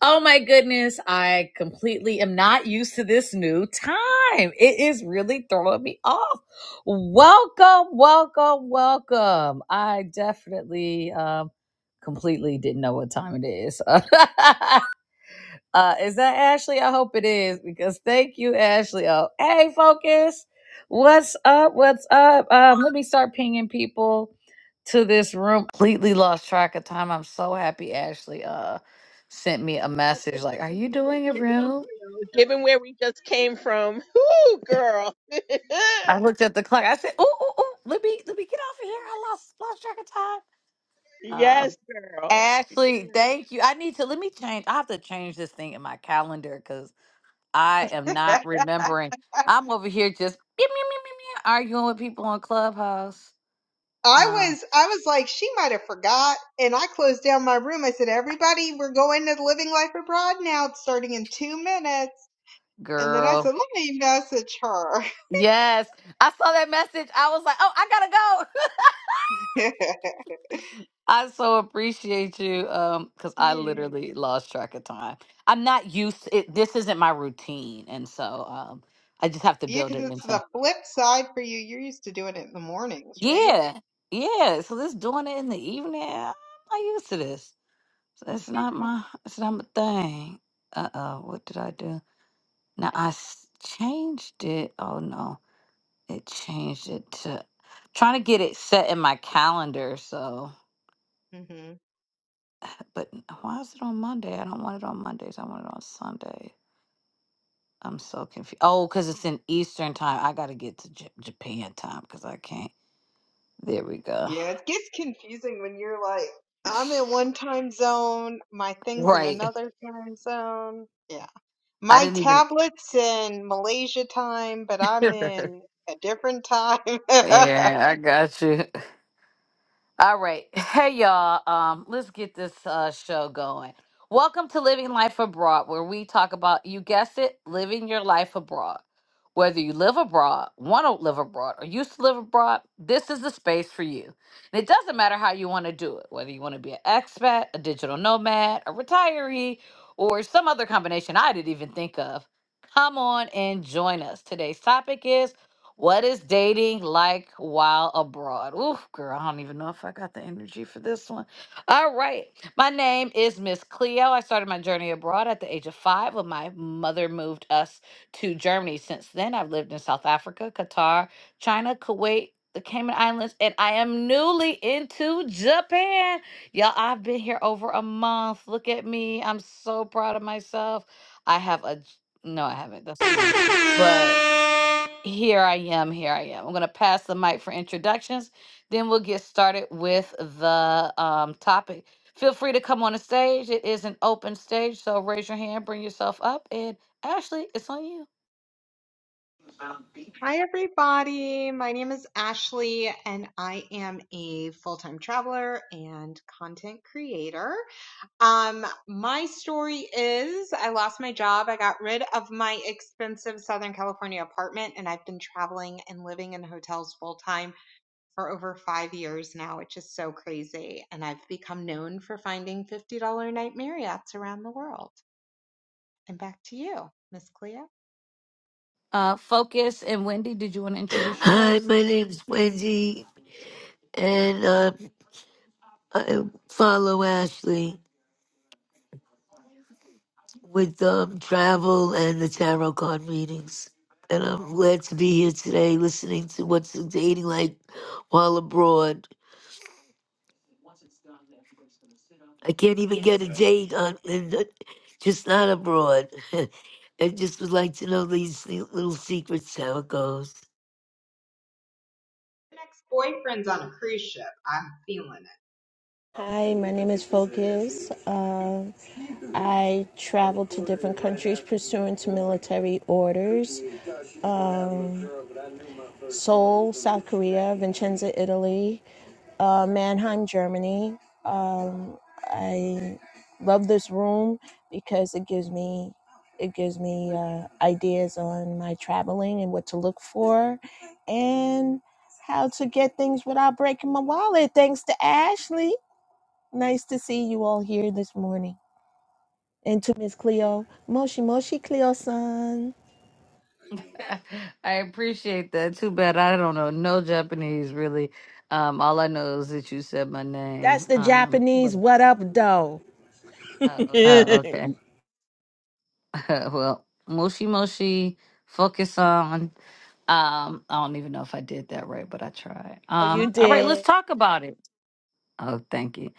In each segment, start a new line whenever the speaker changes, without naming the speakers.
Oh my goodness, I completely am not used to this new time. It is really throwing me off. Welcome, welcome, welcome. I definitely um completely didn't know what time it is. Uh, is that Ashley? I hope it is because thank you, Ashley. Oh, hey, focus. What's up? What's up? Um, let me start pinging people to this room. Completely lost track of time. I'm so happy Ashley uh sent me a message like, "Are
It's
you doing a
okay,
room?"
girl. Given where we just came from, whoo, girl.
I looked at the clock. I said, "Ooh, ooh, ooh, let me let me get off of here. I lost lost track of time."
yes,
Um,
girl.
Ashley, thank you. I need to let me change. I have to change this thing in my calendar because I am
I
not remembering. I'm over here just meow, meow, meow, meow, meow, arguing with people on Clubhouse. Uh,
was I was like, she might have forgot, and I closed down my room. I said, "Everybody, we're going to Living Life Abroad now, It's starting in two minutes." And then I
girl.
said, "Let me message her."
Yes. I saw that message. I was like, oh, I gotta go.
yeah,
I so appreciate you. Um, because I
yeah,
literally lost track of time. I'm not used it, this isn't my routine. And so um I just have to build
because
it
it's the
into
flip side for you. You're used to doing it in the mornings, right?
Yeah. Yeah. So this doing it in the evening. I'm not used to this. So it's not my it's not my thing. Uh oh, what did I do? Now I s- changed it. Oh no, it changed it to trying to get it set in my calendar. So,
hmm
but why is it on Monday? I don't want it on Mondays. I want it on Sunday. I'm so confused. Oh, because it's in Eastern time. I got to get to J- Japan time because I can't. There we go.
Yeah, it gets confusing when you're like, I'm in one time zone, my thing's in
Right.
another time zone. Yeah.
I
My
didn't even.
tablet's in Malaysia time, but I'm in a different time. Hi,
yeah, I got you. All right. Hey y'all. Um, let's get this uh show going. Welcome to Living Life Abroad, where we talk about you guessed it, living your life abroad. Whether you live abroad, want to live abroad, or used to live abroad, this is the space for you. And it doesn't matter how you want to do it, whether you want to be an expat, a digital nomad, a retiree, or some other combination I didn't even think of. Come on and join us. Today's topic is what is dating like while abroad? Oof, girl, I don't even know if I got the energy for this one. All right. My name is Miss Cleo. I started my journey abroad at the age of five when my mother moved us to Germany. Since then, I've lived in South Africa, Qatar, China, Kuwait, the Cayman Islands, and I am newly into Japan. Y'all, I've been here over a month. Look at me. I'm so proud of myself. I have a No, I haven't. That's But here I am. Here I am. I'm going to pass the mic for introductions. Then we'll get started with the um, topic. Feel free to come on the stage. It is an open stage, so raise your hand, bring yourself up, and Ashley, it's on you.
everybody. My name is Ashley, and I am a full time traveler and content creator. Um, my story is I lost my job. I got rid of my expensive Southern California apartment, and I've been traveling and living in hotels full time for over five years now, which is so crazy. And I've become known for finding $50 night Marriott's around the world. And back to you, Miss Cleo.
Uh, Focus and Wendy, did you want to introduce
Hi,
yourselves?
my name's Wendy, and um, I follow Ashley with um, travel and the tarot card readings. And I'm glad to be here today listening to what's dating like while abroad. I can't even get a date on, and uh, just not abroad. I just would like to know these little secrets, how it goes.
The Next boyfriend's on a cruise ship. I'm feeling it.
Hi, my name is Focus. Uh, I travel to different countries pursuant to military orders. Um, Seoul, South Korea, Vincenza, Italy, uh, Mannheim, Germany. Um, I love this room because it gives me it gives me uh, ideas on my traveling and what to look for, and how to get things without breaking my wallet. Thanks to Ashley. Nice to see you all here this morning. And to Miss Cleo, Moshi Moshi Cleo san.
I I appreciate that. Too bad I don't know no Japanese really. Um, all I know is that you said my
That's
name.
the
Um,
Japanese
but
what up, though. you
uh, okay. well, moshi moshi, focus on. Um, I don't even know if I did that right, but I tried. Um, all right, let's
did.
talk about it. Oh, thank you.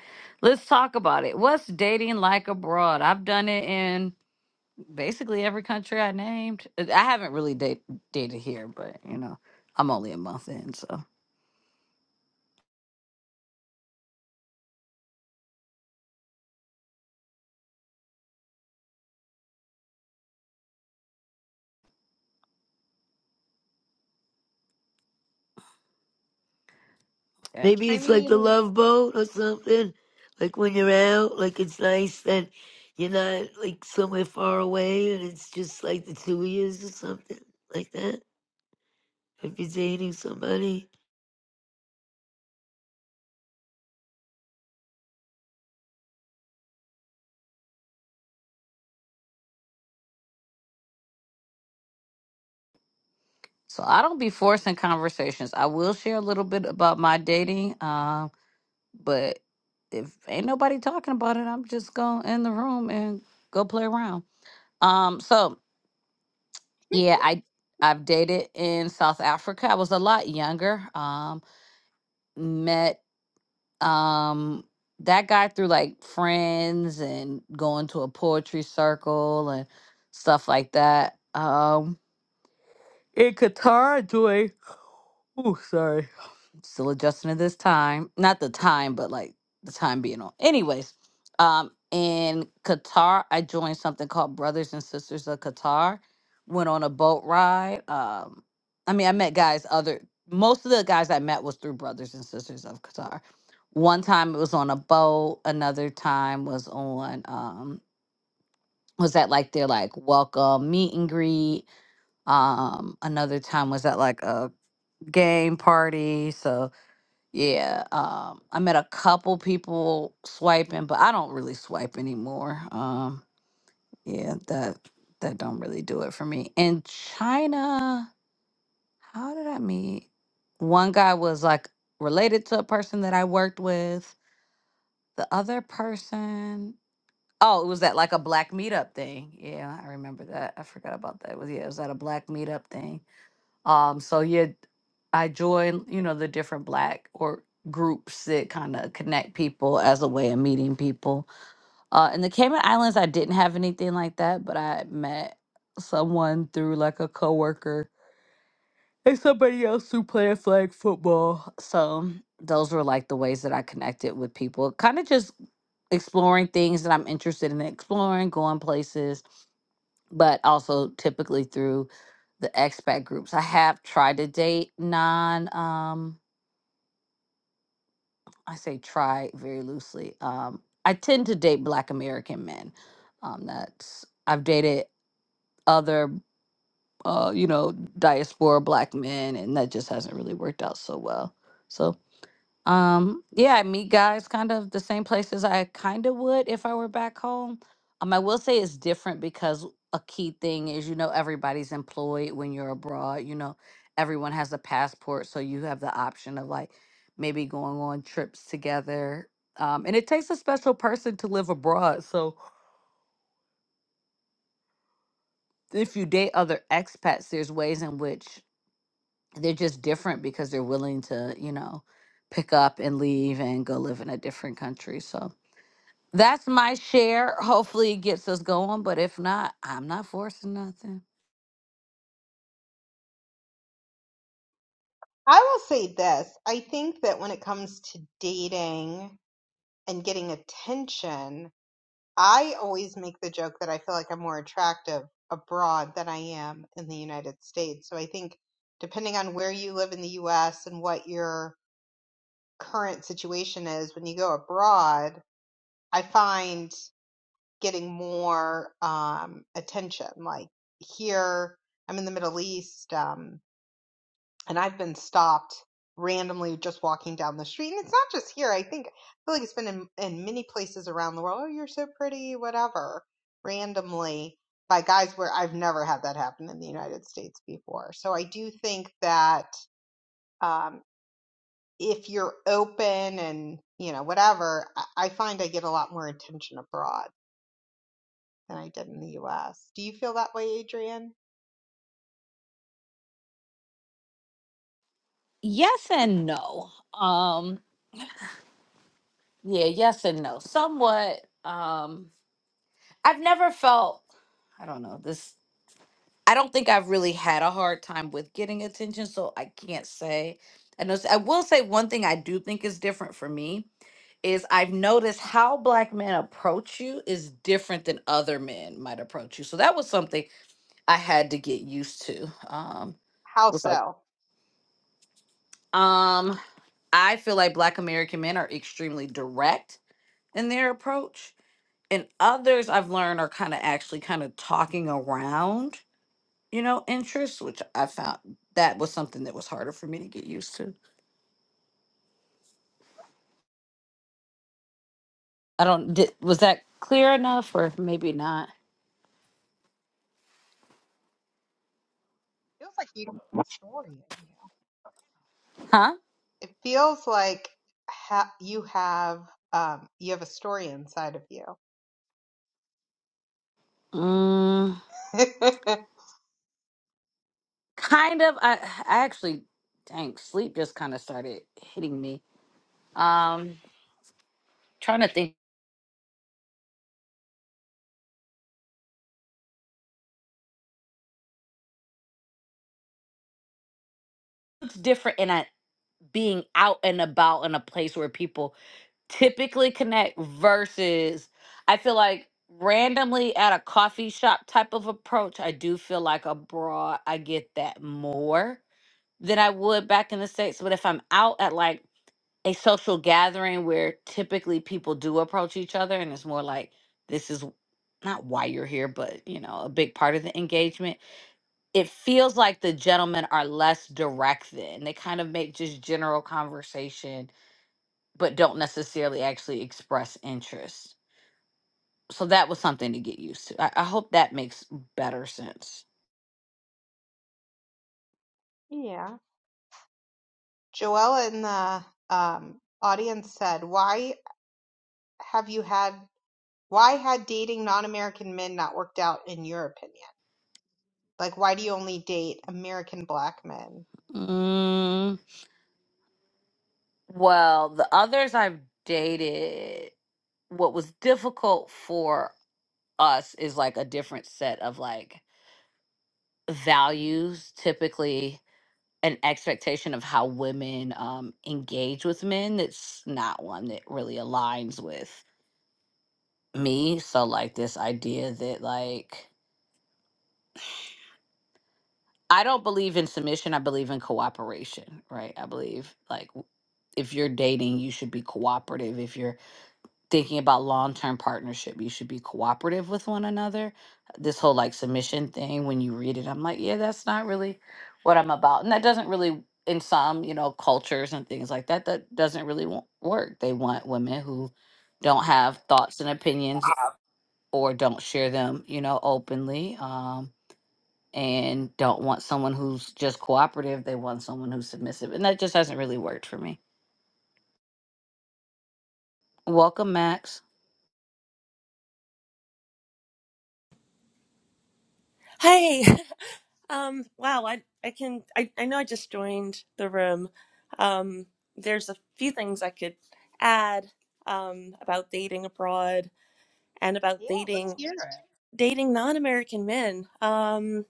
Let's talk about it. What's dating like abroad? I've done it in basically every country I named. Uh, I haven't really date, dated here, but you know, I'm only a month in, so yeah.
Maybe
I
it's like the
mean,
love boat or something. Like when you're out, like it's nice that you're not like somewhere far away and it's just like the two of years or something like that. If you're dating somebody.
So I don't be forcing conversations. I will share a little bit about my dating, um, but if ain't nobody talking about it, I'm just going in the room and go play around. Um, so Yeah, I I've dated in South Africa. I was a lot younger. Um, met um that guy through like friends and going to a poetry circle and stuff like that. Um, in Qatar, I joined. Oh, sorry still adjusting to this time. Not the time, but like the time being on. Anyways, um, in Qatar, I joined something called Brothers and Sisters of Qatar. Went on a boat ride. Um, I mean, I met guys. Other most of the guys I met was through Brothers and Sisters of Qatar. One time it was on a boat. Another time was on um was at like their like welcome meet and greet. Um, another time was at like a game party. So yeah, um, I met a couple people swiping, but I don't really swipe anymore. Um, yeah, that that don't really do it for me. In China, how did I meet? One guy was like related to a person that I worked with. The other person, oh, it was at like a black meetup thing. Yeah, I remember that. I forgot about that. It was yeah, it was at a black meetup thing um, so yeah, I join, you know, the different black or groups that kind of connect people as a way of meeting people. Uh, in the Cayman Islands, I didn't have anything like that, but I met someone through like a coworker and somebody else who played flag football. So those were like the ways that I connected with people. Kind of just exploring things that I'm interested in exploring, going places but also typically through the expat groups. I have tried to date non um I say try very loosely. Um I tend to date black American men. Um that's I've dated other uh you know diaspora black men and that just hasn't really worked out so well. So. Um, yeah, I meet guys kind of the same places I kind of would if I were back home. Um, I will say it's different because a key thing is, you know, everybody's employed when you're abroad. You know, everyone has a passport, so you have the option of like maybe going on trips together. Um, and it takes a special person to live abroad. So if you date other expats, there's ways in which they're just different because they're willing to, you know, pick up and leave and go live in a different country. So That's my share. Hopefully it gets us going, but if not, I'm not forcing nothing.
I will say this. I think that when it comes to dating and getting attention, I always make the joke that I feel like I'm more attractive abroad than I am in the United States. So I think depending on where you live in the US and what your current situation is when you go abroad, I find getting more um, attention. Like here, I'm in the Middle East, um, and I've been stopped randomly just walking down the street. And it's not just here. I think I feel like it's been in, in many places around the world. Oh, you're so pretty, whatever. Randomly by guys where I've never had that happen in the United States before. So I do think that. um, if you're open and you know whatever i find i get a lot more attention abroad than i did in the us do you feel that way adrian
Yes and no. Um yeah, yes and no. Somewhat um I've never felt I don't know, this I don't think I've really had a hard time with getting attention, so I can't say. I know I will say one thing I do think is different for me is I've noticed how black men approach you is different than other men might approach you. So that was something I had to get used to. Um,
how
was like,
so
um, I feel like Black American men are extremely direct in their approach, and others I've learned are kind of actually kind of talking around, you know, interests, which I found that was something that was harder for me to get used to. I don't did, was that clear enough, or maybe not?
feels like you don't have a story in you
Huh?
it feels like ha- you have um you have a story inside of you
Mm, kind of. I I actually, dang, sleep just kind of started hitting me. Um, trying to think. It's different, and I. being out and about in a place where people typically connect versus I feel like randomly at a coffee shop type of approach, I do feel like abroad I get that more than I would back in the States. But if I'm out at like a social gathering where typically people do approach each other and it's more like this is not why you're here, but you know, a big part of the engagement it feels like the gentlemen are less direct then. They kind of make just general conversation but don't necessarily actually express interest. So that was something to get used to. I, I hope that makes better sense.
yeah joella in the um audience said why have you had why had dating non-american men not worked out in your opinion like why do you only date american black men
Mm, well, the others I've dated, what was difficult for us is like a different set of like values, typically an expectation of how women um, engage with men that's not one that really aligns with me. So, like, this idea that, like, I don't believe in submission. I believe in cooperation, right? I believe like w- if you're dating, you should be cooperative. If you're thinking about long term partnership, you should be cooperative with one another. This whole like submission thing, when you read it, I'm like, yeah, that's not really what I'm about. And that doesn't really, in some, you know, cultures and things like that, that doesn't really wo- work. They want women who don't have thoughts and opinions or don't share them, you know, openly. Um and don't want someone who's just cooperative. They want someone who's submissive. And that just hasn't really worked for me. Welcome, Max.
Hey, um, wow, I I can I, I know I just joined the room. Um, there's a few things I could add um, about dating abroad and about
Yeah, let's
dating
hear it.
dating non-American men. Um,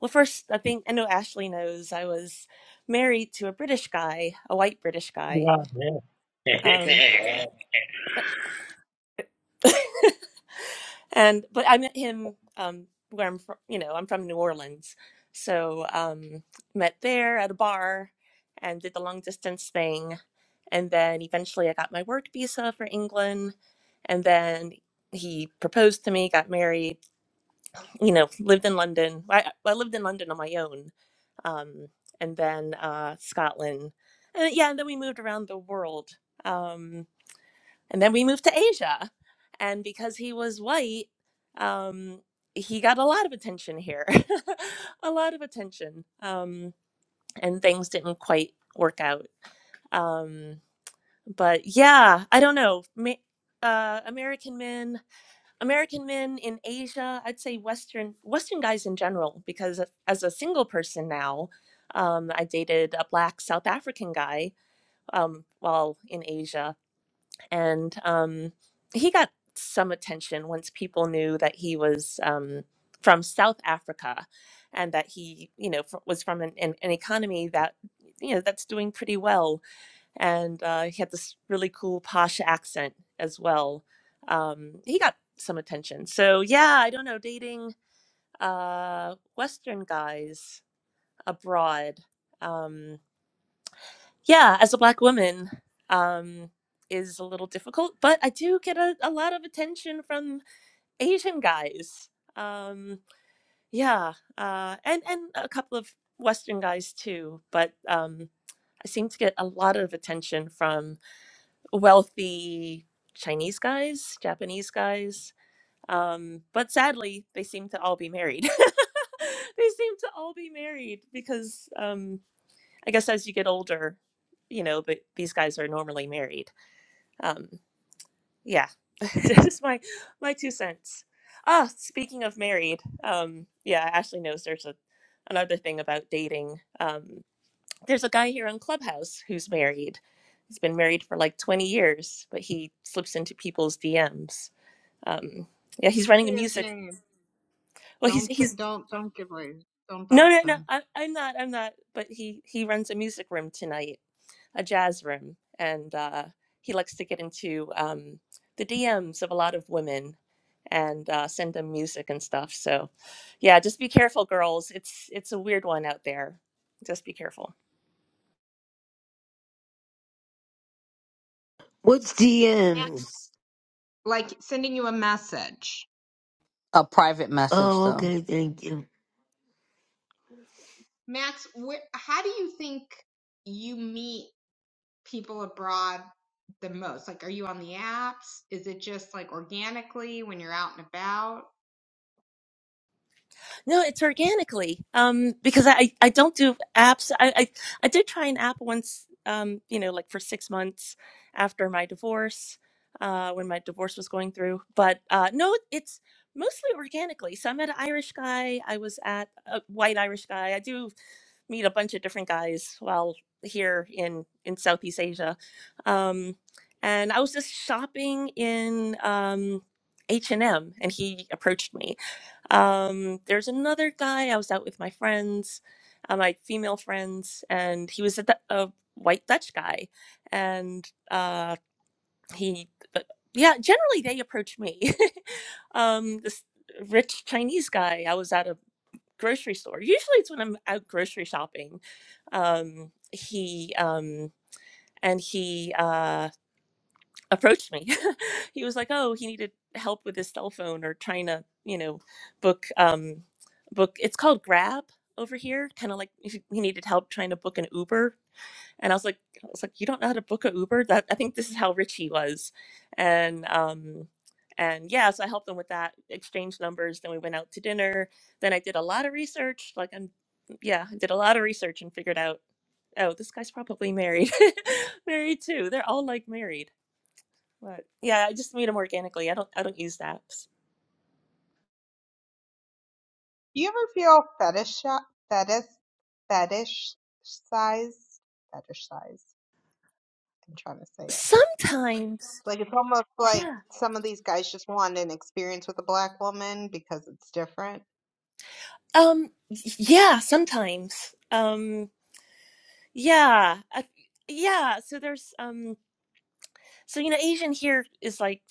well, first, I think I know Ashley knows I was married to a British guy, a white British guy.
Yeah.
Um, and but I met him um, where I'm from. You know, I'm from New Orleans, so um, met there at a bar and did the long distance thing, and then eventually I got my work visa for England, and then he proposed to me, got married. You know, lived in London. I, I lived in London on my own, um, and then uh, Scotland, and yeah, and then we moved around the world. Um, and then we moved to Asia. And because he was white, um, he got a lot of attention here, a lot of attention. Um, and things didn't quite work out. Um, but yeah, I don't know. Ma- uh, American men, American men in Asia, I'd say Western Western guys in general, because as a single person now, um, I dated a black South African guy um, while in Asia, and um, he got some attention once people knew that he was um, from South Africa and that he, you know, fr- was from an, an, an economy that, you know, that's doing pretty well. And uh, he had this really cool posh accent as well. Um, he got some attention. So, yeah, I don't know, dating uh, Western guys abroad. Um, yeah, as a black woman, um, is a little difficult, but I do get a, a lot of attention from Asian guys. Um, yeah, uh, and and a couple of Western guys too, but um, I seem to get a lot of attention from wealthy Chinese guys, Japanese guys. Um, but sadly, they seem to all be married. they seem to all be married because um, I guess as you get older, you know, but these guys are normally married. Um, yeah, just my my two cents. Ah, speaking of married, um, yeah, Ashley knows there's a another thing about dating. Um, there's a guy here on Clubhouse who's married. He's been married for like 20 years, but he slips into people's DMs. Um, yeah, he's
Don't
running a
say his
music.
name.
Well, he's
Don't say,
he's
don't don't give away. Don't
no
dox
no no.
him.
I, I'm not. I'm not. But he he runs a music room tonight a jazz room, and uh, he likes to get into um, the DMs of a lot of women and uh, send them music and stuff. So, yeah, just be careful, girls. It's it's a weird one out there. Just be careful.
What's
Max,
DMs?
like sending you a message.
A private message,
Oh,
though.
okay, thank you.
Max, where, how do you think you meet people abroad the most? Like, are you on the apps? Is it just like organically when you're out and about?
No, it's organically. Um, because I, I don't do apps. I, I, I did try an app once, um, you know, like for six months after my divorce, uh, when my divorce was going through. But uh, no, it's mostly organically. So I met an Irish guy. I was at a white Irish guy. I do meet a bunch of different guys while here in, in Southeast Asia. Um, and I was just shopping in um, H&M and M, and he approached me um, there's another guy. I was out with my friends, uh, my female friends, and he was a, Du- a white Dutch guy, and uh, he, but yeah, generally they approach me. um, this rich Chinese guy. I was at a grocery store. Usually it's when I'm out grocery shopping. Um, he um, and he. uh, approached me. he was like, "Oh, he needed help with his cell phone or trying to, you know, book um book. It's called Grab over here. Kind of like if he he needed help trying to book an Uber." And I was like, "I was like, you don't know how to book an Uber? That I think this is how rich he was." And um and yeah, so I helped him with that, exchanged numbers. Then we went out to dinner. Then I did a lot of research. Like I'm, yeah, I did a lot of research and figured out, oh, this guy's probably married, married too. They're all like married but yeah, I just made them organically. I don't I don't use apps.
Do you ever feel fetish fetish fetishized? Fetishized. I'm trying to say it.
Sometimes,
Like it's almost like
yeah.
some of these guys just want an experience with a black woman because it's different.
Um, yeah, sometimes. Um, yeah, I, yeah. So there's um, so you know, Asian here is like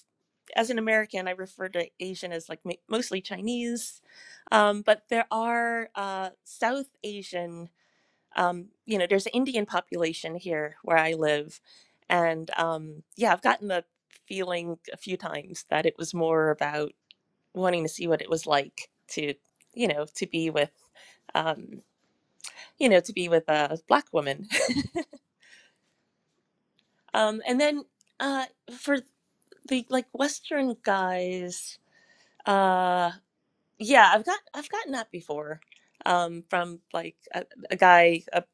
as an American, I refer to Asian as like ma- mostly Chinese, um, but there are uh, South Asian. Um, you know, there's an Indian population here where I live, and um, yeah, I've gotten the feeling a few times that it was more about wanting to see what it was like to, you know, to be with, um, you know, to be with a black woman. Um, and then uh, for the like Western guys, uh, yeah, I've got I've gotten that before um, from like a, a guy a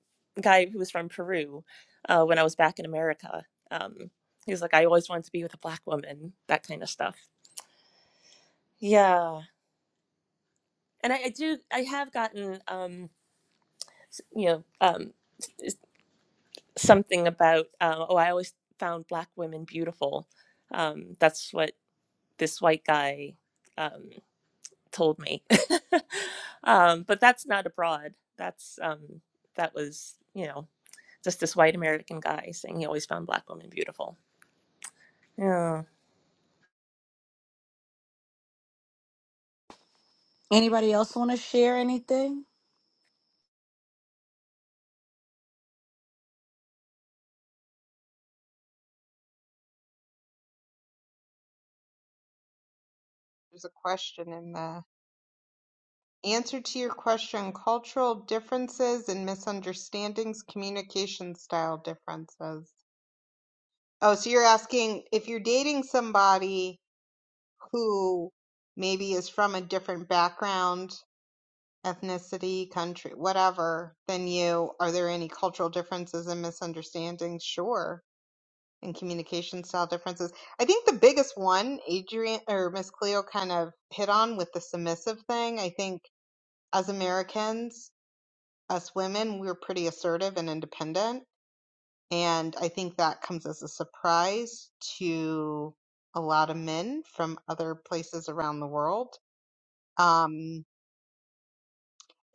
guy who was from Peru uh, when I was back in America. Um, he was like, I always wanted to be with a black woman, that kind of stuff. Yeah, and I, I do I have gotten um, s- you know um, something about uh, oh i always found black women beautiful um, that's what this white guy um, told me um, but that's not abroad that's um, that was you know just this white american guy saying he always found black women beautiful Yeah.
Anybody else want to share anything?
There's a question in the answer to your question, cultural differences and misunderstandings, communication style differences. Oh, so you're asking if you're dating somebody who maybe is from a different background ethnicity, country, whatever, than you. Are there any cultural differences and misunderstandings? Sure. And communication style differences. I think the biggest one, Adrian or Miss Cleo kind of hit on with the submissive thing. I think as Americans, us women, we're pretty assertive and independent. And I think that comes as a surprise to a lot of men from other places around the world. Um,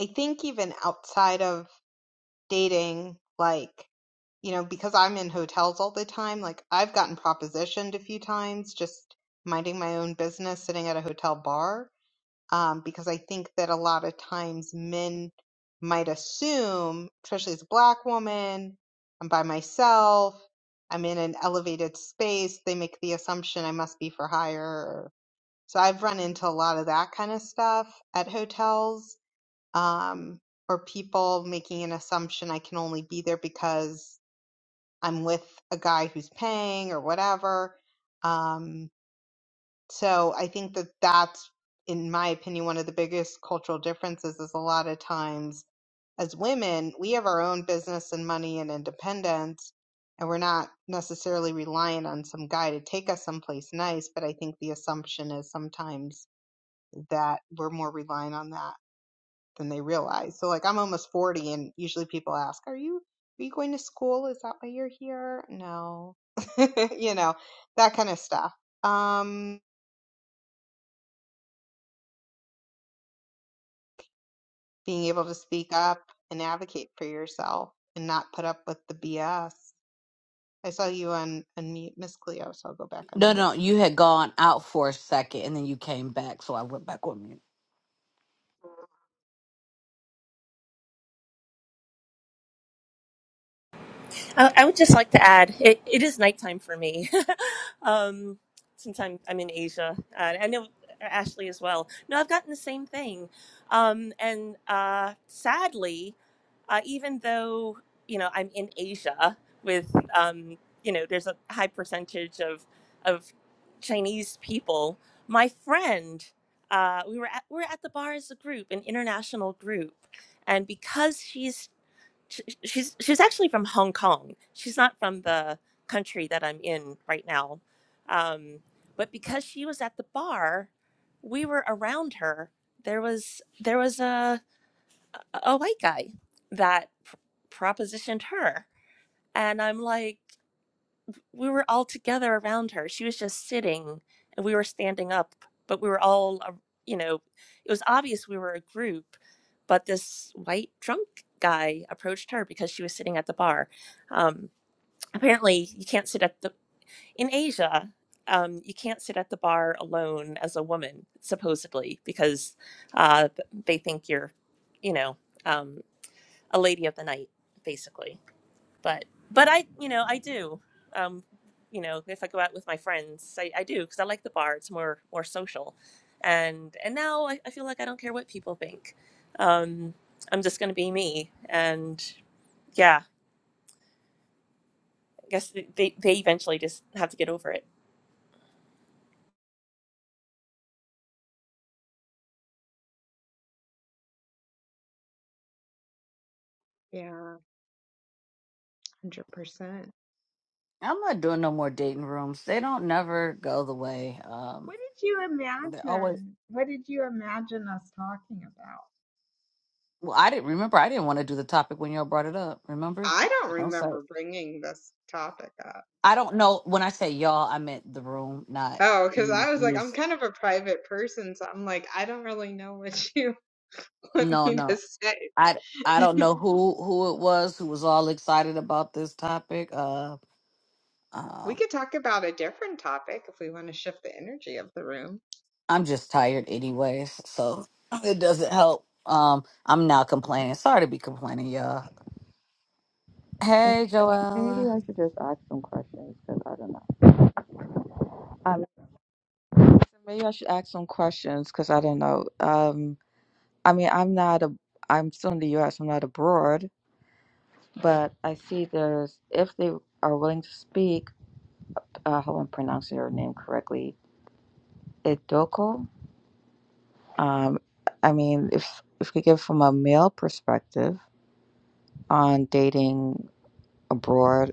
I think even outside of dating like you know because i'm in hotels all the time like i've gotten propositioned a few times just minding my own business sitting at a hotel bar um, because i think that a lot of times men might assume especially as a black woman i'm by myself i'm in an elevated space they make the assumption i must be for hire so i've run into a lot of that kind of stuff at hotels um, or people making an assumption I can only be there because I'm with a guy who's paying or whatever. Um, so I think that that's, in my opinion, one of the biggest cultural differences is a lot of times as women, we have our own business and money and independence, and we're not necessarily reliant on some guy to take us someplace nice. But I think the assumption is sometimes that we're more reliant on that than they realize. So like I'm almost 40 and usually people ask, "Are you are you going to school? Is that why you're here?" No. you know, that kind of stuff. Um being able to speak up and advocate for yourself and not put up with the BS. I saw you on unmute Miss Cleo, so I'll go back on
No,
mute.
no, you had gone out for a second and then you came back, so I went back on mute.
I, I would just like to add, it, it is nighttime for me, um, since I'm I'm in Asia. Uh, I know Ashley as well. No, I've gotten the same thing, um, and uh, sadly, uh, even though you know I'm in Asia with um, you know there's a high percentage of of Chinese people, my friend. Uh, we were at, we were at the bar as a group, an international group, and because she's sh- she's she's actually from Hong Kong. She's not from the country that I'm in right now. Um, but because she was at the bar, we were around her. There was there was a a white guy that pr- propositioned her, and I'm like we were all together around her. She was just sitting and we were standing up, but we were all, uh, you know, it was obvious we were a group, but this white drunk guy approached her because she was sitting at the bar. Um, apparently, you can't sit at the, in Asia, um, you can't sit at the bar alone as a woman, supposedly, because uh, they think you're, you know, um, a lady of the night, basically but but I you know I do um you know if I go out with my friends I, I do because I like the bar it's more more social and and now I, I feel like I don't care what people think um I'm just gonna be me and yeah I guess they they eventually just have to get over it
Yeah, 100%.
I'm not doing no more dating rooms. They don't never go the way. Um,
What did you
they're always.
imagine? What did you imagine us talking about?
Well, I didn't remember. I didn't want to do the topic when y'all brought it up. Remember?
I don't
I was like,
remember bringing this topic up.
I don't know. When I say y'all, I meant the room, not
Oh, because
you.
I was like,
you.
I'm kind of a private person, so I'm like, I don't really know what you want
No,
me to
no.
say.
I I don't know who who it was who was all excited about this topic. Uh,
We
uh
could talk about a different topic if we want to shift the energy of the room.
I'm just tired, anyways, so it doesn't help. Um, I'm now complaining. Sorry to be complaining, y'all.
Okay,
Hey,
maybe
Joella.
I should just ask some questions because I don't know. Um, maybe I should ask some questions because I don't know. Um, I mean, I'm not a, I'm still in the U.S. I'm not abroad, but I see there's if they are willing to speak. Uh, hope I'm pronouncing your name correctly. Idoko. Um, I mean, if if we give from a male perspective on dating abroad,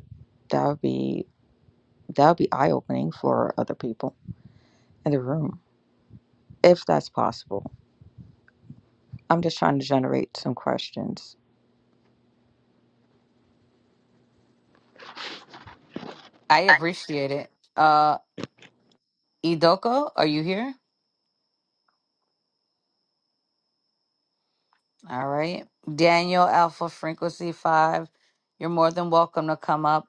that would be that would be eye opening for other people in the room, if that's possible. I'm just trying to generate some questions.
I appreciate it. Uh, Idoko, are you here? All right. Daniel Alpha Frequency 5, you're more than welcome to come up.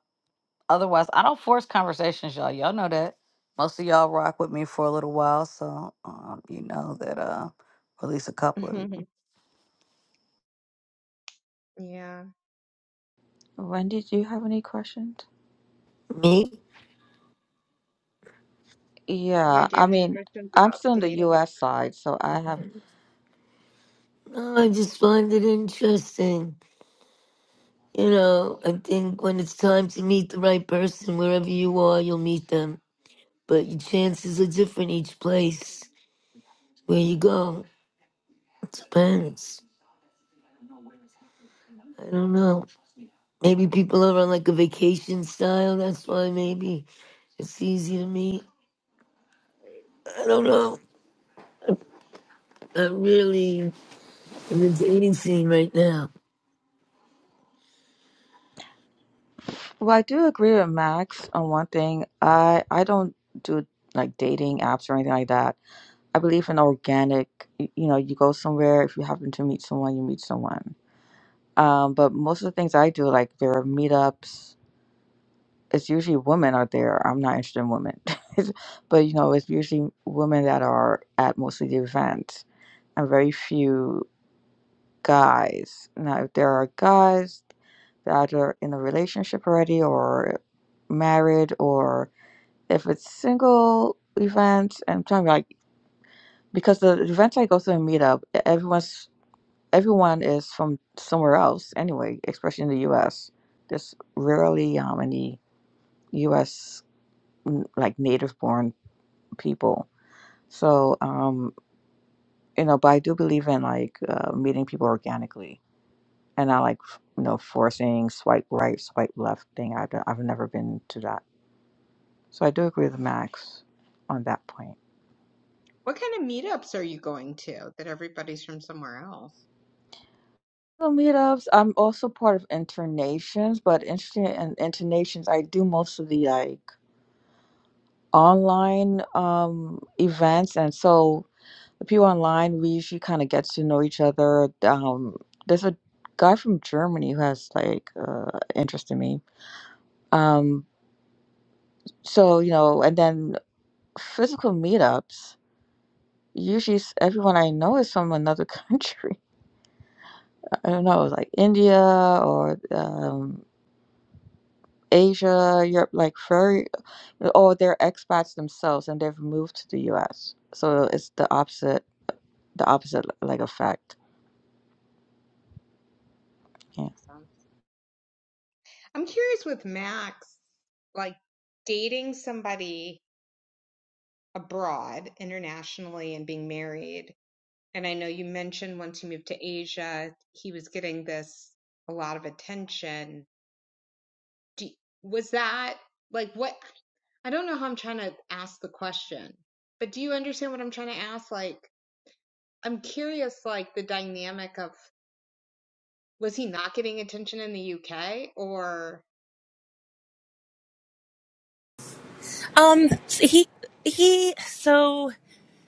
Otherwise, I don't force conversations, y'all. Y'all know that. Most of y'all rock with me for a little while, so um, you know that uh, at least a couple of you.
Yeah.
Wendy, do you have any questions?
Me?
Yeah.
Yeah,
Do you
I
have any
mean,
questions
I'm
about
still on the
dating?
US side, so I have
No, I just find it interesting. You know, I think when it's time to meet the right person, wherever you are, you'll meet them. But your chances are different each place where you go. It depends. I don't know. Maybe people are on like a vacation style. That's why maybe it's easy to meet. I don't know. I'm really in the dating scene right now.
well, I do agree with Max on one thing. I I don't do like dating apps or anything like that. I believe in organic, y- you know, you go somewhere, if you happen to meet someone, you meet someone. Um, but most of the things I do, like there are meetups, it's usually women out there. I'm not interested in women. But you know, it's usually women that are at mostly the events and very few guys. Now, if there are guys that are in a relationship already or married, or if it's single events, and I'm talking like because the events I go to and meet up, e-, everyone's everyone is from somewhere else anyway, especially in the U.S. There's rarely um, any U.S. like native-born people, so um, you know. But I do believe in like uh, meeting people organically and I like you know forcing swipe right, swipe left thing. I've I've never been to that, so I do agree with Max on that point.
What kind of meetups are you going to that everybody's from somewhere else?
The meetups. I'm also part of Internations, but interesting in Internations, I do most of the like online um events, and so the people online we usually kind of get to know each other. Um, there's a guy from Germany who has like uh, interest in me. Um, so you know, and then physical meetups. usually s- everyone I know is from another country. I don't know, like India or um, Asia, Europe, like very, or they're expats themselves and they've moved to the U.S. So it's the opposite, the opposite like effect.
That
Yeah.
makes sense. I'm curious with Max, like dating somebody abroad internationally and being married. And I know you mentioned once you moved to Asia, he was getting this a lot of attention. Do, was that like what? I don't know how I'm trying to ask the question, but do you understand what I'm trying to ask? Like, I'm curious, like the dynamic of was he not getting attention in the UK or
um so he he so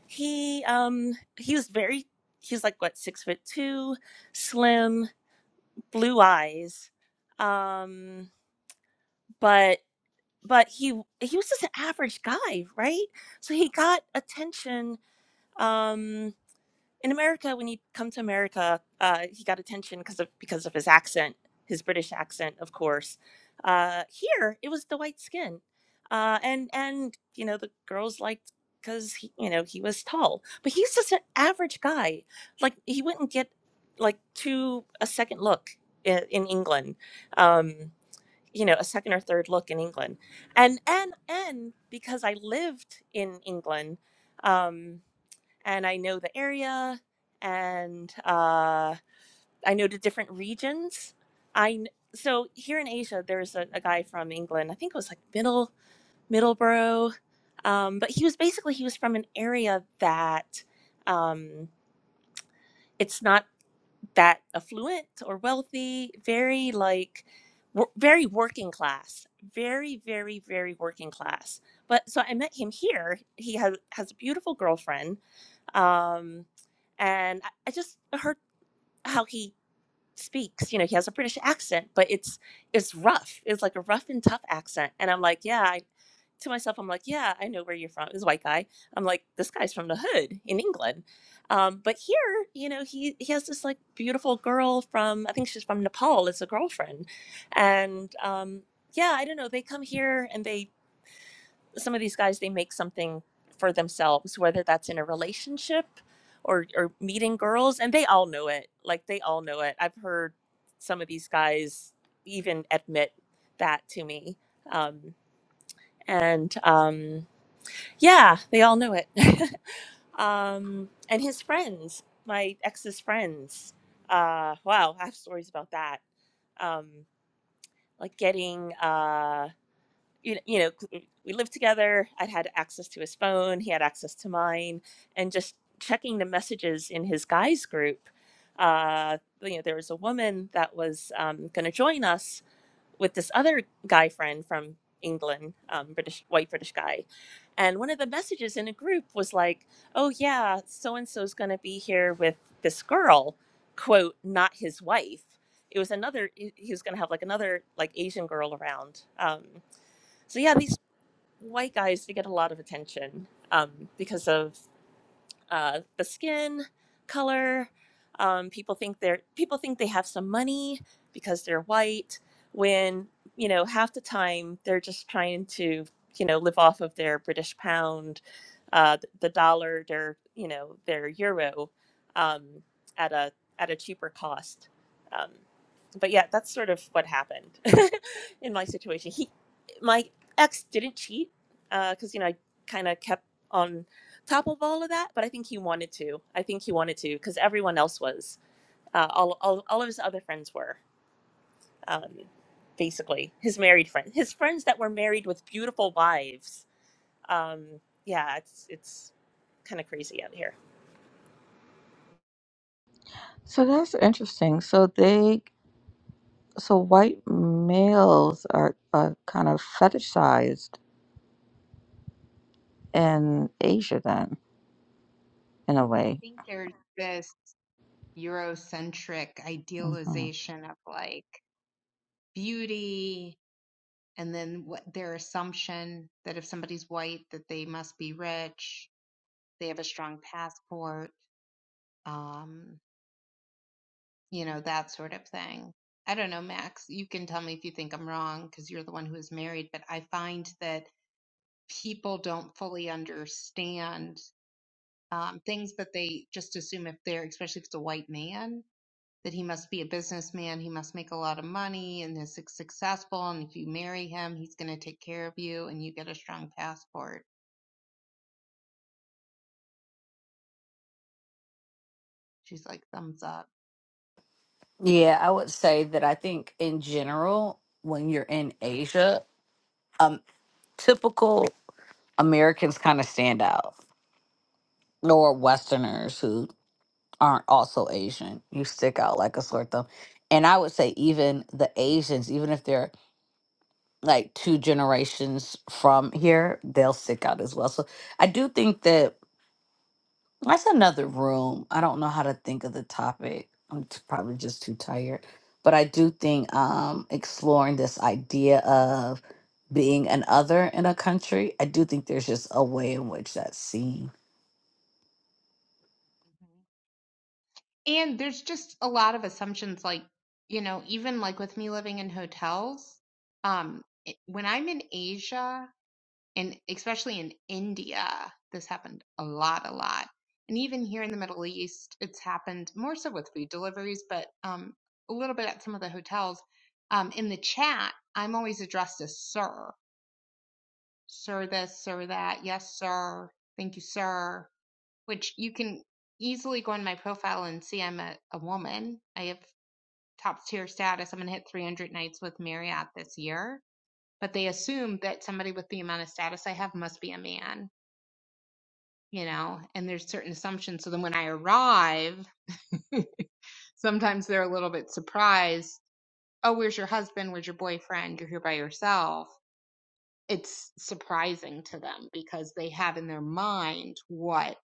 he um he was very he was like what six foot two slim blue eyes um but but he he was just an average guy, right? So he got attention um, in America when he come to America. Uh, he got attention because of because of his accent, his British accent, of course. Uh, here, it was the white skin, uh, and and you know the girls liked because he you know he was tall, but he's just an average guy. Like he wouldn't get like to a second look in, in England. Um, you know a second or third look in England, and and and because I lived in England, um, and I know the area, and uh, I know the different regions. I kn- so here in Asia, there's a, a guy from England. I think it was like Middle Middleborough, um, but he was basically he was from an area that um, it's not that affluent or wealthy, very like wor- very working class, very very very working class. But so I met him here. He has has a beautiful girlfriend, um, and I, I just heard how he speaks. You know, he has a British accent, but it's it's rough. It's like a rough and tough accent. And I'm like, yeah, I, to myself, I'm like, yeah, I know where you're from. This white guy. I'm like, this guy's from the hood in England. Um, but here, you know, he he has this like beautiful girl from I think she's from Nepal as a girlfriend, and um, yeah, I don't know. They come here and they some of these guys they make something for themselves whether that's in a relationship or or meeting girls and they all know it like they all know it i've heard some of these guys even admit that to me um and um yeah they all know it um and his friends my ex's friends uh wow i have stories about that um like getting uh you you know, we lived together. I'd had access to his phone. He had access to mine, and just checking the messages in his guys group. Uh, you know, there was a woman that was um, going to join us with this other guy friend from England, um, British white British guy, and one of the messages in a group was like, "Oh yeah, so and so's going to be here with this girl," quote, not his wife. It was another. He he was going to have like another like Asian girl around. Um, so yeah, these white guys, they get a lot of attention um, because of uh, the skin color. Um, people think they're people think they have some money because they're white. When you know half the time they're just trying to you know live off of their British pound, uh, th- the dollar, their you know their euro um, at a at a cheaper cost. Um, but yeah, that's sort of what happened in my situation. He, my ex didn't cheat because you know I kind of kept on top of all of that, but I think he wanted to. I think he wanted to because everyone else was. Uh, all, all, all of his other friends were, um, basically, his married friends. His friends that were married with beautiful wives. Um, yeah, it's it's kind of crazy out here.
So that's interesting. So they, so white males are, are kind of fetishized in Asia then, in a way.
I think there's this Eurocentric
Mm-hmm.
idealization of like beauty and then what their assumption that if somebody's white that they must be rich they have a strong passport um you know that sort of thing i don't know max you can tell me if you think i'm wrong because you're the one who is married but i find that people don't fully understand um, things but they just assume if they're especially if it's a white man that he must be a businessman he must make a lot of money and is successful and if you marry him he's going to take care of you and you get a strong passport She's like thumbs up.
Yeah, I would say that I think in general, when you're in Asia, um, typical Americans kind of stand out, or Westerners who aren't also Asian. You stick out like a sore thumb. And I would say even the Asians, even if they're like two generations from here, they'll stick out as well. So I do think that that's another room. I don't know how to think of the topic. I'm t- probably just too tired. But I do think um, exploring this idea of being an other in a country, I do think there's just a way in which that's seen.
And there's just a lot of assumptions like, you know, even like with me living in hotels, um it- when I'm in Asia and especially in India, this happened a lot, a lot. And even here in the Middle East, it's happened more so with food deliveries, but um a little bit at some of the hotels. Um in the chat, I'm always addressed as sir. Sir this, sir that, yes sir, thank you sir. which you can easily go on my profile and see I'm a, a woman. I have top tier status. I'm going to hit 300 nights with Marriott this year. But they assume that somebody with the amount of status I have must be a man, you know, and there's certain assumptions. So then when I arrive, sometimes they're a little bit surprised. Oh, where's your husband? Where's your boyfriend? You're here by yourself. It's surprising to them because they have in their mind what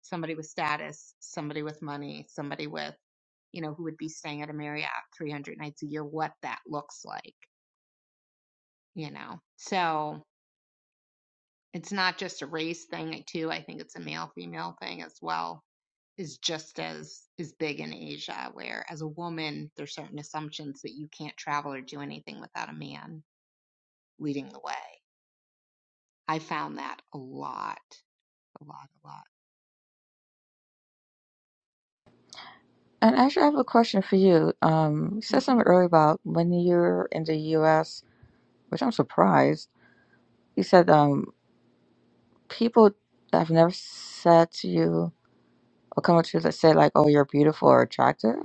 somebody with status, somebody with money, somebody with you know, who would be staying at a Marriott 300 nights a year, what that looks like, you know. So it's not just a race thing, too. I think it's a male female thing as well, is just as is big in Asia, where as a woman, there's certain assumptions that you can't travel or do anything without a man leading the way. I found that a lot, a lot, a lot.
And actually, I have a question for you. Um, you said
Mm-hmm.
something earlier about when you're in the U.S., which I'm surprised. You said um, people have never said to you or come up to you that say like, "Oh, you're beautiful or attractive."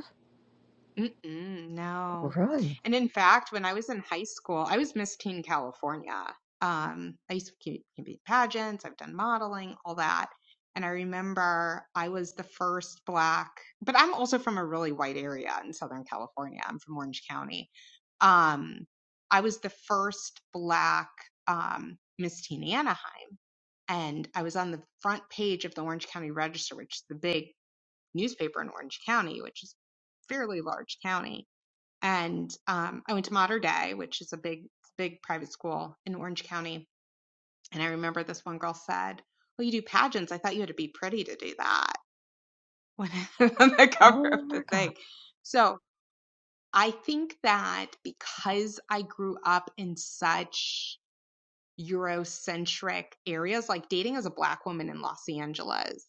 Mm-mm, no.
Really?
And in fact, when I was in high school, I was Miss Teen California. Um, I used to keep- compete in pageants, I've done modeling, all that. And I remember I was the first black, but I'm also from a really white area in Southern California. I'm from Orange County. Um, I was the first black um, Miss Teen Anaheim. And I was on the front page of the Orange County Register, which is the big newspaper in Orange County, which is a fairly large county and um, I went to Mater Day, which is a big, big private school in Orange County. And I remember this one girl said, "Well, you do pageants. I thought you had to be pretty to do that when on the cover of
Oh
the
my God.
thing." So I think that because I grew up in such Eurocentric areas. Like dating as a black woman in Los Angeles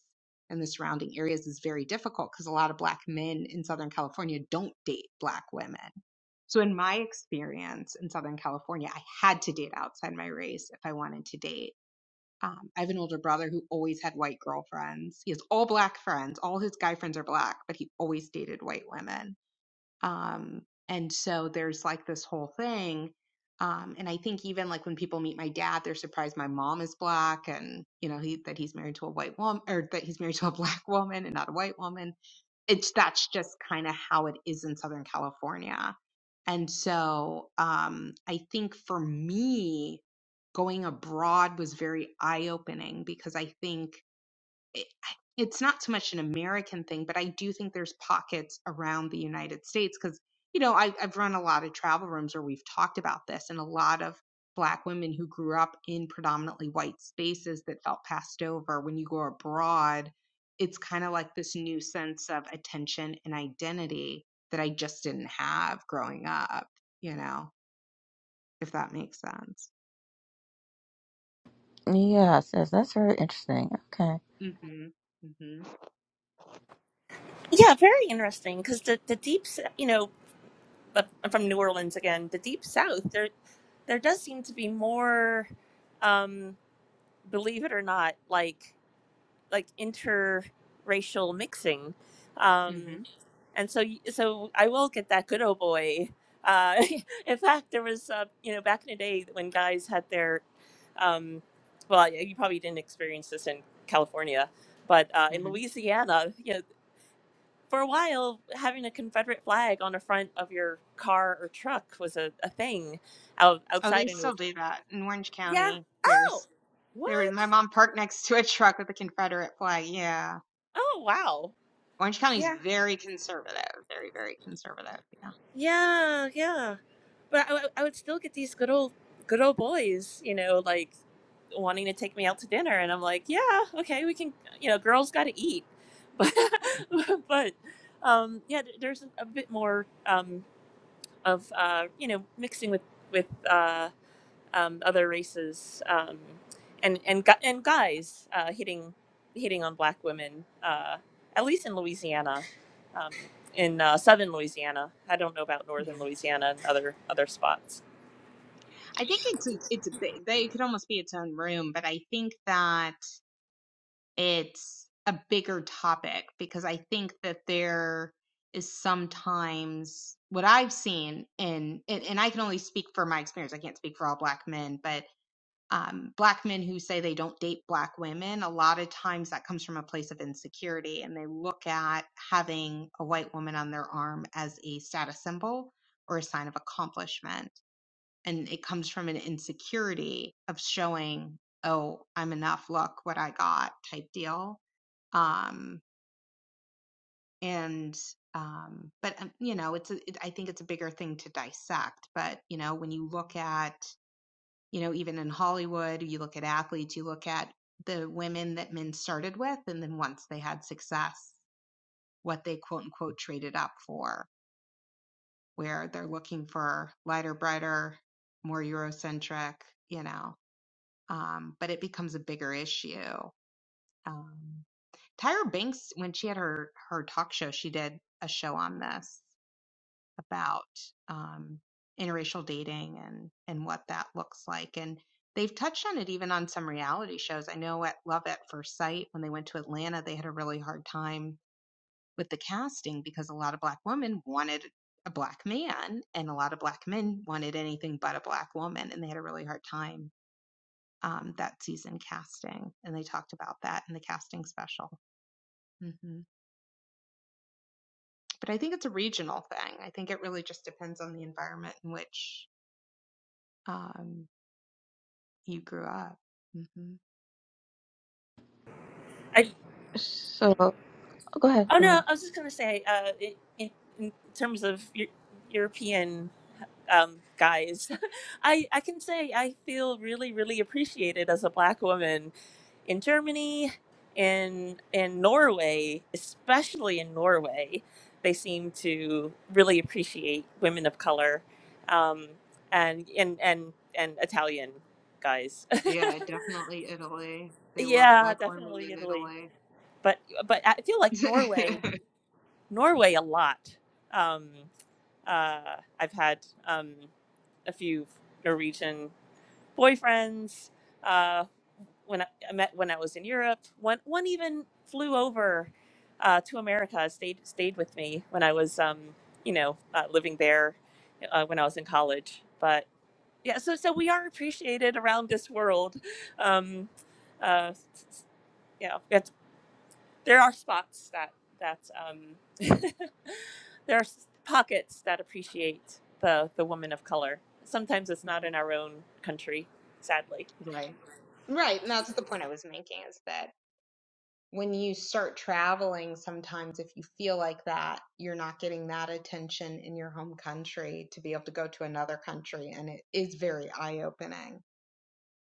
and the surrounding areas is very difficult because a lot of black men in Southern California don't date black women. So in my experience in Southern California, I had to date outside my race if I wanted to date. Um, I have an older brother who always had white girlfriends. He has all black friends. All his guy friends are black, but he always dated white women um, and so there's like this whole thing. Um, and I think even like when people meet my dad, they're surprised my mom is black and, you know, he, that he's married to a white woman or that he's married to a black woman and not a white woman. It's that's just kind of how it is in Southern California. And so, um, I think for me, going abroad was very eye opening because I think it, it's not so much an American thing, but I do think there's pockets around the United States because, you know, I, I've run a lot of travel rooms where we've talked about this, and a lot of Black women who grew up in predominantly white spaces that felt passed over. When you go abroad, it's kind of like this new sense of attention and identity that I just didn't have growing up, you know, if that makes sense.
Yes, yes, that's very interesting. Okay,
Mm-hmm. Mm-hmm.
Yeah, very interesting because the, the deep, s- you know, but I'm from New Orleans again, the deep south, there, there does seem to be more, um, believe it or not, like, like interracial mixing Um,
Mm-hmm.
and so y- so I will get that good old boy. Uh, in fact, there was uh, you know back in the day when guys had their, um, well, y- you probably didn't experience this in California, but uh, in
Mm-hmm.
Louisiana, you know, for a while having a Confederate flag on the front of your car or truck was a, a thing out
Oh, they
outside in.
still do that in Orange
Yeah.
County. There's
Oh,
They were my
what?
mom parked next to a truck with a Confederate flag. Yeah.
Oh wow.
Orange County's
Yeah.
very conservative. Very, very conservative. Yeah.
Yeah. Yeah. but I, would- I would still get these good old good old boys, you know, like wanting to take me out to dinner, and I'm like, yeah, okay, we can, you know, girls got to eat, but
Mhm.
but um, yeah, th- there's a bit more um, of uh, you know mixing with with. uh, um, other races um, and and gu- and guys uh, hitting hitting on black women uh, at least in Louisiana um, in uh, southern Louisiana I don't know about
Yeah.
northern Louisiana and other other spots
I think it's a, it's a big, they could almost be its own room, but I think that it's a bigger topic because I think that there is sometimes what I've seen in, and, and I can only speak for my experience. I can't speak for all black men, but um, black men who say they don't date black women, a lot of times that comes from a place of insecurity and they look at having a white woman on their arm as a status symbol or a sign of accomplishment and it comes from an insecurity of showing oh i'm enough look what i got type deal um and um but um, you know it's a, it, i think it's a bigger thing to dissect but you know when you look at you know even in hollywood you look at athletes you look at the women that men started with and then once they had success what they quote unquote traded up for where they're looking for lighter brighter more eurocentric you know um, but it becomes a bigger issue. Um, Tyra Banks, when she had her her talk show, she did a show on this about um, interracial dating and and what that looks like, and they've touched on it even on some reality shows. I know at Love at First Sight, when they went to Atlanta, they had a really hard time with the casting because a lot of black women wanted a black man and a lot of black men wanted anything but a black woman and they had a really hard time um, that season casting, and they talked about that in the casting special. hmm But I think it's a regional thing. I think it really just depends on the environment in which um, you grew up. hmm
I
so oh, go ahead,
oh
go
no
ahead.
I was just gonna say uh, in, in in terms of Eu- European um, guys. I, I can say I feel really, really appreciated as a black woman in Germany, in in Norway, especially in Norway, they seem to really appreciate women of color, um, and and and and Italian guys.
Yeah, definitely Italy. They love
yeah,
black women
definitely
in
Italy,
Italy.
but but I feel like Norway, Norway a lot. Um, uh, I've had um, a few Norwegian. boyfriends. Uh, when I, I met when I was in Europe, one one even flew over uh, to America. stayed stayed with me when I was um, you know uh, living there uh, when I was in college. But yeah, so so we are appreciated around this world. Um, uh, yeah, it's, there are spots that that um, there are s- pockets that appreciate the the woman of color. Sometimes it's not in our own country, sadly.
Right. Right. And that's the point I was making is that when you start traveling, sometimes if you feel like that, you're not getting that attention in your home country to be able to go to another country. And it is very eye opening.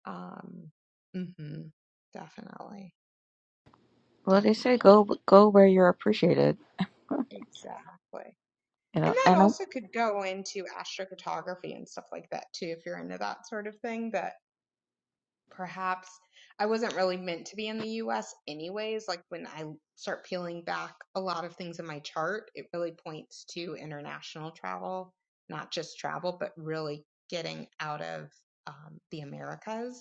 Um, hmm Definitely.
Well, they say
Definitely.
go go where you're appreciated. You
Exactly. And
know,
that
and I
also could go into astrocartography and stuff like that too, if you're into that sort of thing. That perhaps I wasn't really meant to be in the US anyways. Like when I start peeling back a lot of things in my chart, it really points to international travel, not just travel, but really getting out of um, the Americas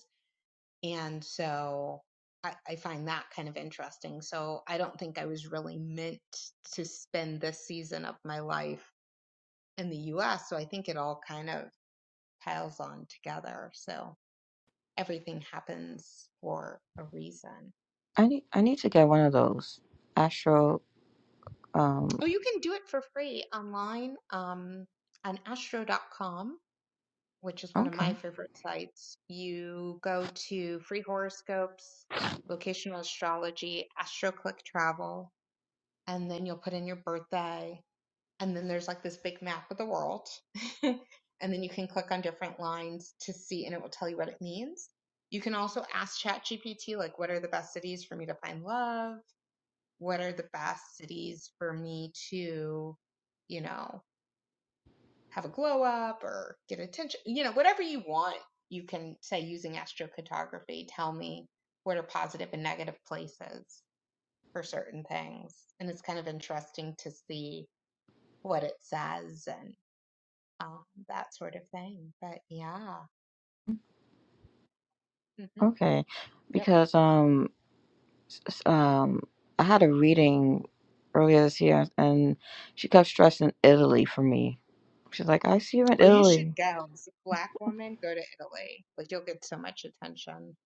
And so I, I find that kind of interesting. So I don't think I was really meant to spend this season of my life in the US. So I think it all kind of piles on together. So everything happens for a reason.
I need I need to get one of those astro. Um,
Oh, you can do it for free online um, on astro.com, which is one of
okay.
my favorite sites. You go to free horoscopes, locational astrology, astroclick travel, and then you'll put in your birthday and then there's like this big map of the world and then you can click on different lines to see and it will tell you what it means you can also ask ChatGPT like what are the best cities for me to find love what are the best cities for me to you know have a glow up or get attention you know whatever you want you can say using astrocartography tell me what are positive and negative places for certain things and it's kind of interesting to see what it says and um, that sort of thing. But yeah, hmm
Okay,
yep.
because um s- s- um I had a reading earlier this year and she kept stressing Italy for me. She's like, I see you in
Oh, you should
Italy.
go as a black woman. Go to Italy. Like you'll get so much attention.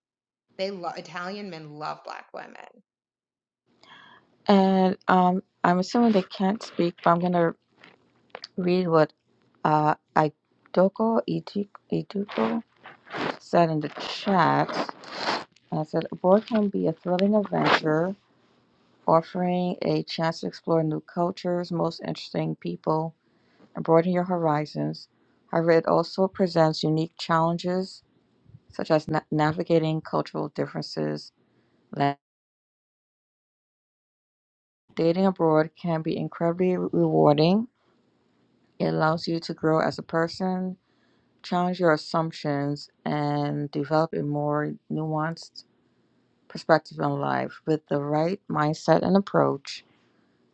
They love Italian men love black women.
And um I'm assuming they can't speak, but I'm gonna read what uh Idoko Idu- Iduko said in the chat. And I said, Abroad can be a thrilling adventure, offering a chance to explore new cultures, most interesting people and broaden your horizons. However, it also presents unique challenges such as na- navigating cultural differences. Lan- Dating abroad can be incredibly rewarding. It allows you to grow as a person, challenge your assumptions, and develop a more nuanced perspective on life. With the right mindset and approach,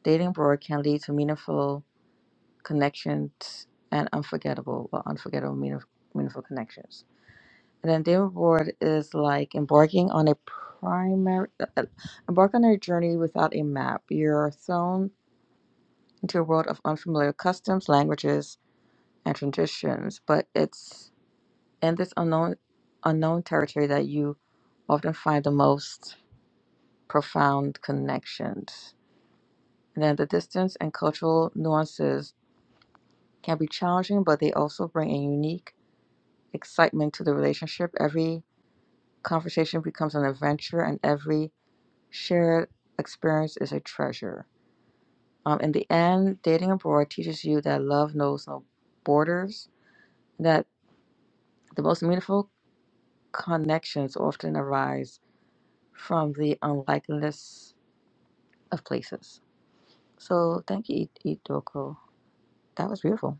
dating abroad can lead to meaningful connections and unforgettable, well, unforgettable, meaningful, meaningful connections. And then diving board is like embarking on a primary, uh, uh, embark on a journey without a map. You're thrown into a world of unfamiliar customs, languages, and traditions. But it's in this unknown, unknown territory that you often find the most profound connections. And then the distance and cultural nuances can be challenging, but they also bring a unique excitement to the relationship. Every conversation becomes an adventure, and every shared experience is a treasure. Um, in the end, dating abroad teaches you that love knows no borders, that the most meaningful connections often arise from the unlikeliness of places. So thank you, I- Idoko. That was beautiful.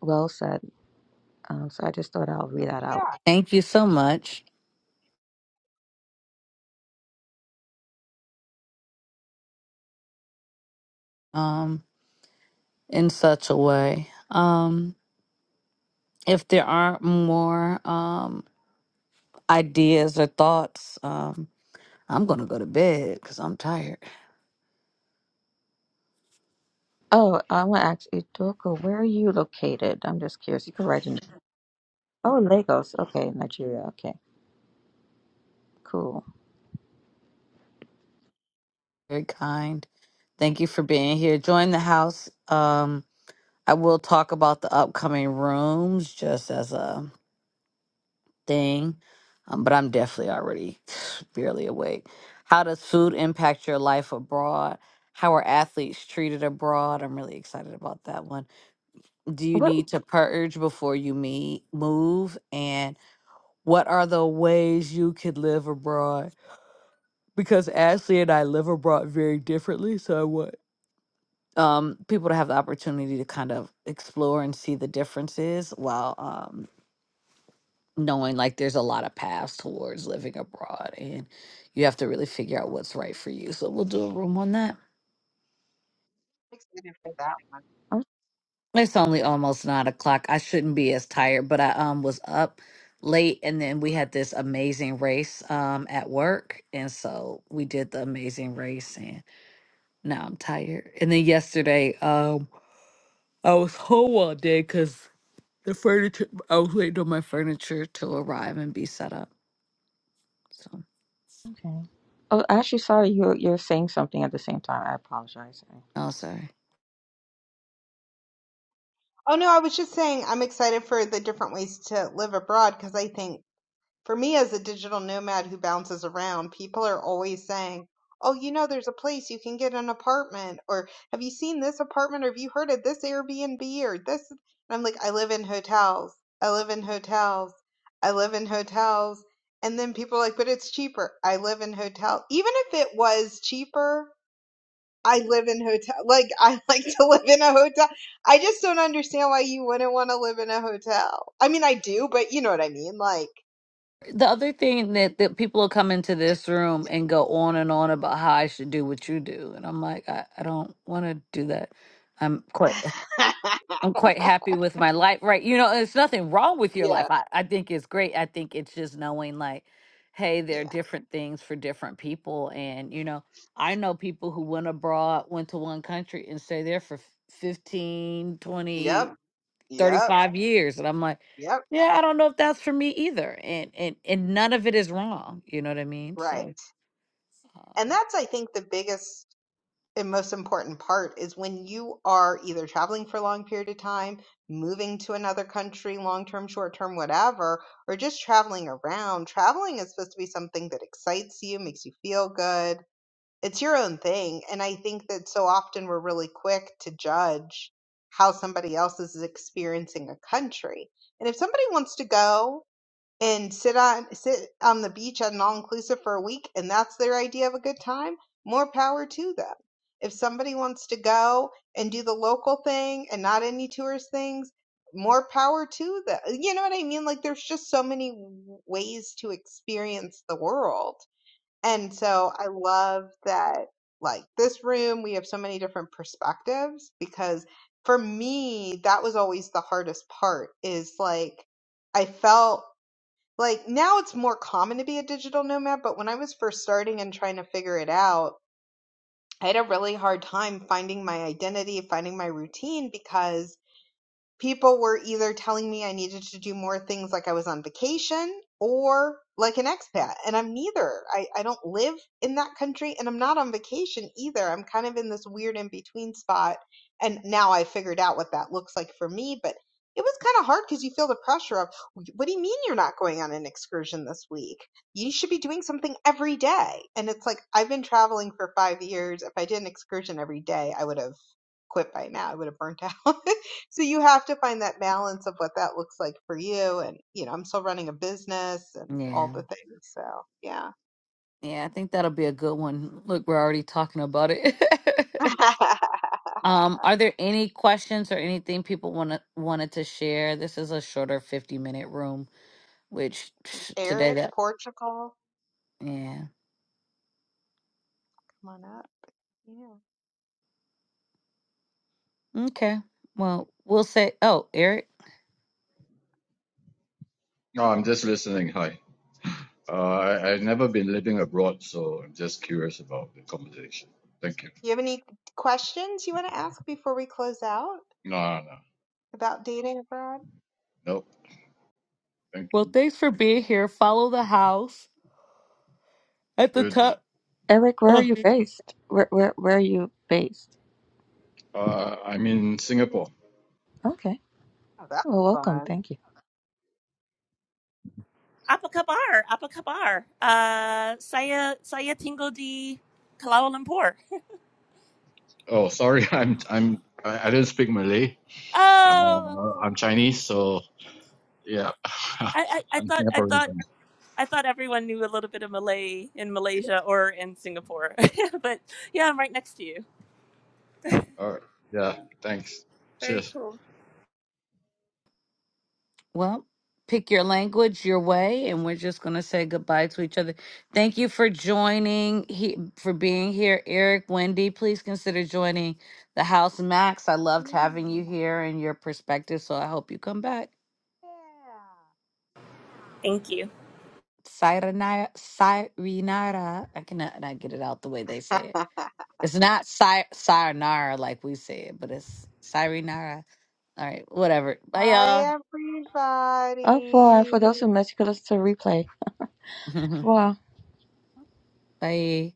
Well said. Um, so I just thought I'll
Oh
read that
yeah,
out.
I'm
Thank you so much um, in such a way. Um. If there aren't more um, ideas or thoughts, um, I'm going to go to bed because I'm tired.
Oh, I want to ask Idoko, where are you located? I'm just curious. You can write in. Oh, Lagos. Okay, Nigeria. Okay, cool.
Very kind. Thank you for being here. Join the house. Um, I will talk about the upcoming rooms just as a thing, um, but I'm definitely already barely awake. How does food impact your life abroad? How are athletes treated abroad? I'm really excited about that one. Do you
What?
need to purge before you meet, move? And what are the ways you could live abroad? Because Ashley and I live abroad very differently, so I want um, people to have the opportunity to kind of explore and see the differences while um, knowing like there's a lot of paths towards living abroad and you have to really figure out what's right for you. So we'll do a room on that.
excited for that one.
It's only almost nine o'clock. I shouldn't be as tired, but I um was up late and then we had this amazing race um at work and so we did the amazing race and. Now I'm tired. And then yesterday, um, I was home all day because the furniture. I was waiting on my furniture to arrive and be set up. So,
Okay. Oh, I actually sorry you you're saying something at the same time. I apologize.
oh, sorry.
Oh no, I was just saying I'm excited for the different ways to live abroad because I think for me as a digital nomad who bounces around, people are always saying, "Oh, you know, there's a place you can get an apartment," or "Have you seen this apartment?" or "Have you heard of this Airbnb?" or this. And I'm like, I live in hotels. I live in hotels. I live in hotels. And then people are like, "But it's cheaper." I live in hotel. Even if it was cheaper, I live in hotel. Like I like to live in a hotel. I just don't understand why you wouldn't want to live in a hotel. I mean, I do, but you know what I mean, like.
The other thing that, that people will come into this room and go on and on about how I should do what you do, and I'm like, I, I don't want to do that. I'm quite I'm quite happy with my life, right? You know, there's nothing wrong with your life.
yeah.
I, I think it's great. I think it's just knowing, like, hey,
Yeah.
there are different things for different people. And, you know, I know people who went abroad, went to one country and stay there for f- 15,
Yep.
twenty,
Yep.
thirty-five years. And I'm like,
Yep.
yeah, I don't know if that's for me either. And and and none of it is wrong. You know what I mean?
Right.
So,
And
um,
that's, I think, the biggest and most important part is when you are either traveling for a long period of time, moving to another country, long term, short term, whatever, or just traveling around. Traveling is supposed to be something that excites you, makes you feel good. It's your own thing. And I think that so often we're really quick to judge how somebody else is experiencing a country. And if somebody wants to go and sit on sit on the beach at an all inclusive for a week and that's their idea of a good time, more power to them. If somebody wants to go and do the local thing and not any tourist things, more power to them. You know what I mean? Like there's just so many w- ways to experience the world. And so I love that like this room we have so many different perspectives because for me that was always the hardest part is like I felt like now it's more common to be a digital nomad, but when I was first starting and trying to figure it out, I had a really hard time finding my identity, finding my routine because people were either telling me I needed to do more things like I was on vacation or like an expat. And I'm neither. I, I don't live in that country and I'm not on vacation either. I'm kind of in this weird in between spot. And now I figured out what that looks like for me. But it was kind of hard because you feel the pressure of, what do you mean you're not going on an excursion this week? You should be doing something every day. And it's like, I've been traveling for five years. If I did an excursion every day, I would have quit by now. I would have burnt out. so you have to find that balance of what that looks like for you. And, you know, I'm still running a business and
yeah.
all the things. So, yeah.
Yeah, I think that'll be a good one. Look, we're already talking about it. Um, are there any questions or anything people want to wanted to share? This is a shorter 50 minute room, which today
Eric,
that
Portugal,
yeah.
come on up. Yeah.
Okay. Well, we'll say oh, Eric.
No, I'm just listening. Hi. Uh, I, I've never been living abroad, so I'm just curious about the conversation. Thank you.
You have any questions you want to ask before we close out
No, no,
about dating abroad?
nope. Thank
Well,
you.
thanks for being here. Follow the house at the
Good.
top.
Eric, where are you based? Where where where are you based?
Uh, I'm in Singapore.
Okay.
Oh, that's
Well, welcome.
fun.
Thank you.
apa kabar? Apa kabar? Uh, saya saya tinggal di Kuala Lumpur.
Oh, sorry. I'm I'm I, I didn't speak Malay.
Oh,
Uh, I'm Chinese, so yeah,
I, I, I
I'm
thought I
Singaporean.
thought
Chinese.
I thought everyone knew a little bit of Malay in Malaysia or in Singapore, but yeah, I'm right next to you.
All right. Yeah. Thanks.
Very
Cheers.
cool.
Well, pick your language, your way, and we're just going to say goodbye to each other. Thank you for joining, he, for being here, Eric, Wendy. Please consider joining the house, Max. I loved having you
Yeah.
here and your perspective, so I hope you come back.
Thank you.
Sayonara, sayonara. I cannot not get it out the way they say it.
Yeah.
It's not say, sayonara like we say it, but it's sayonara. All right, whatever. Bye,
Hi,
Oh, for for
everybody.
those who missed, you could listen to the replay.
y'all.
Wow.
Bye.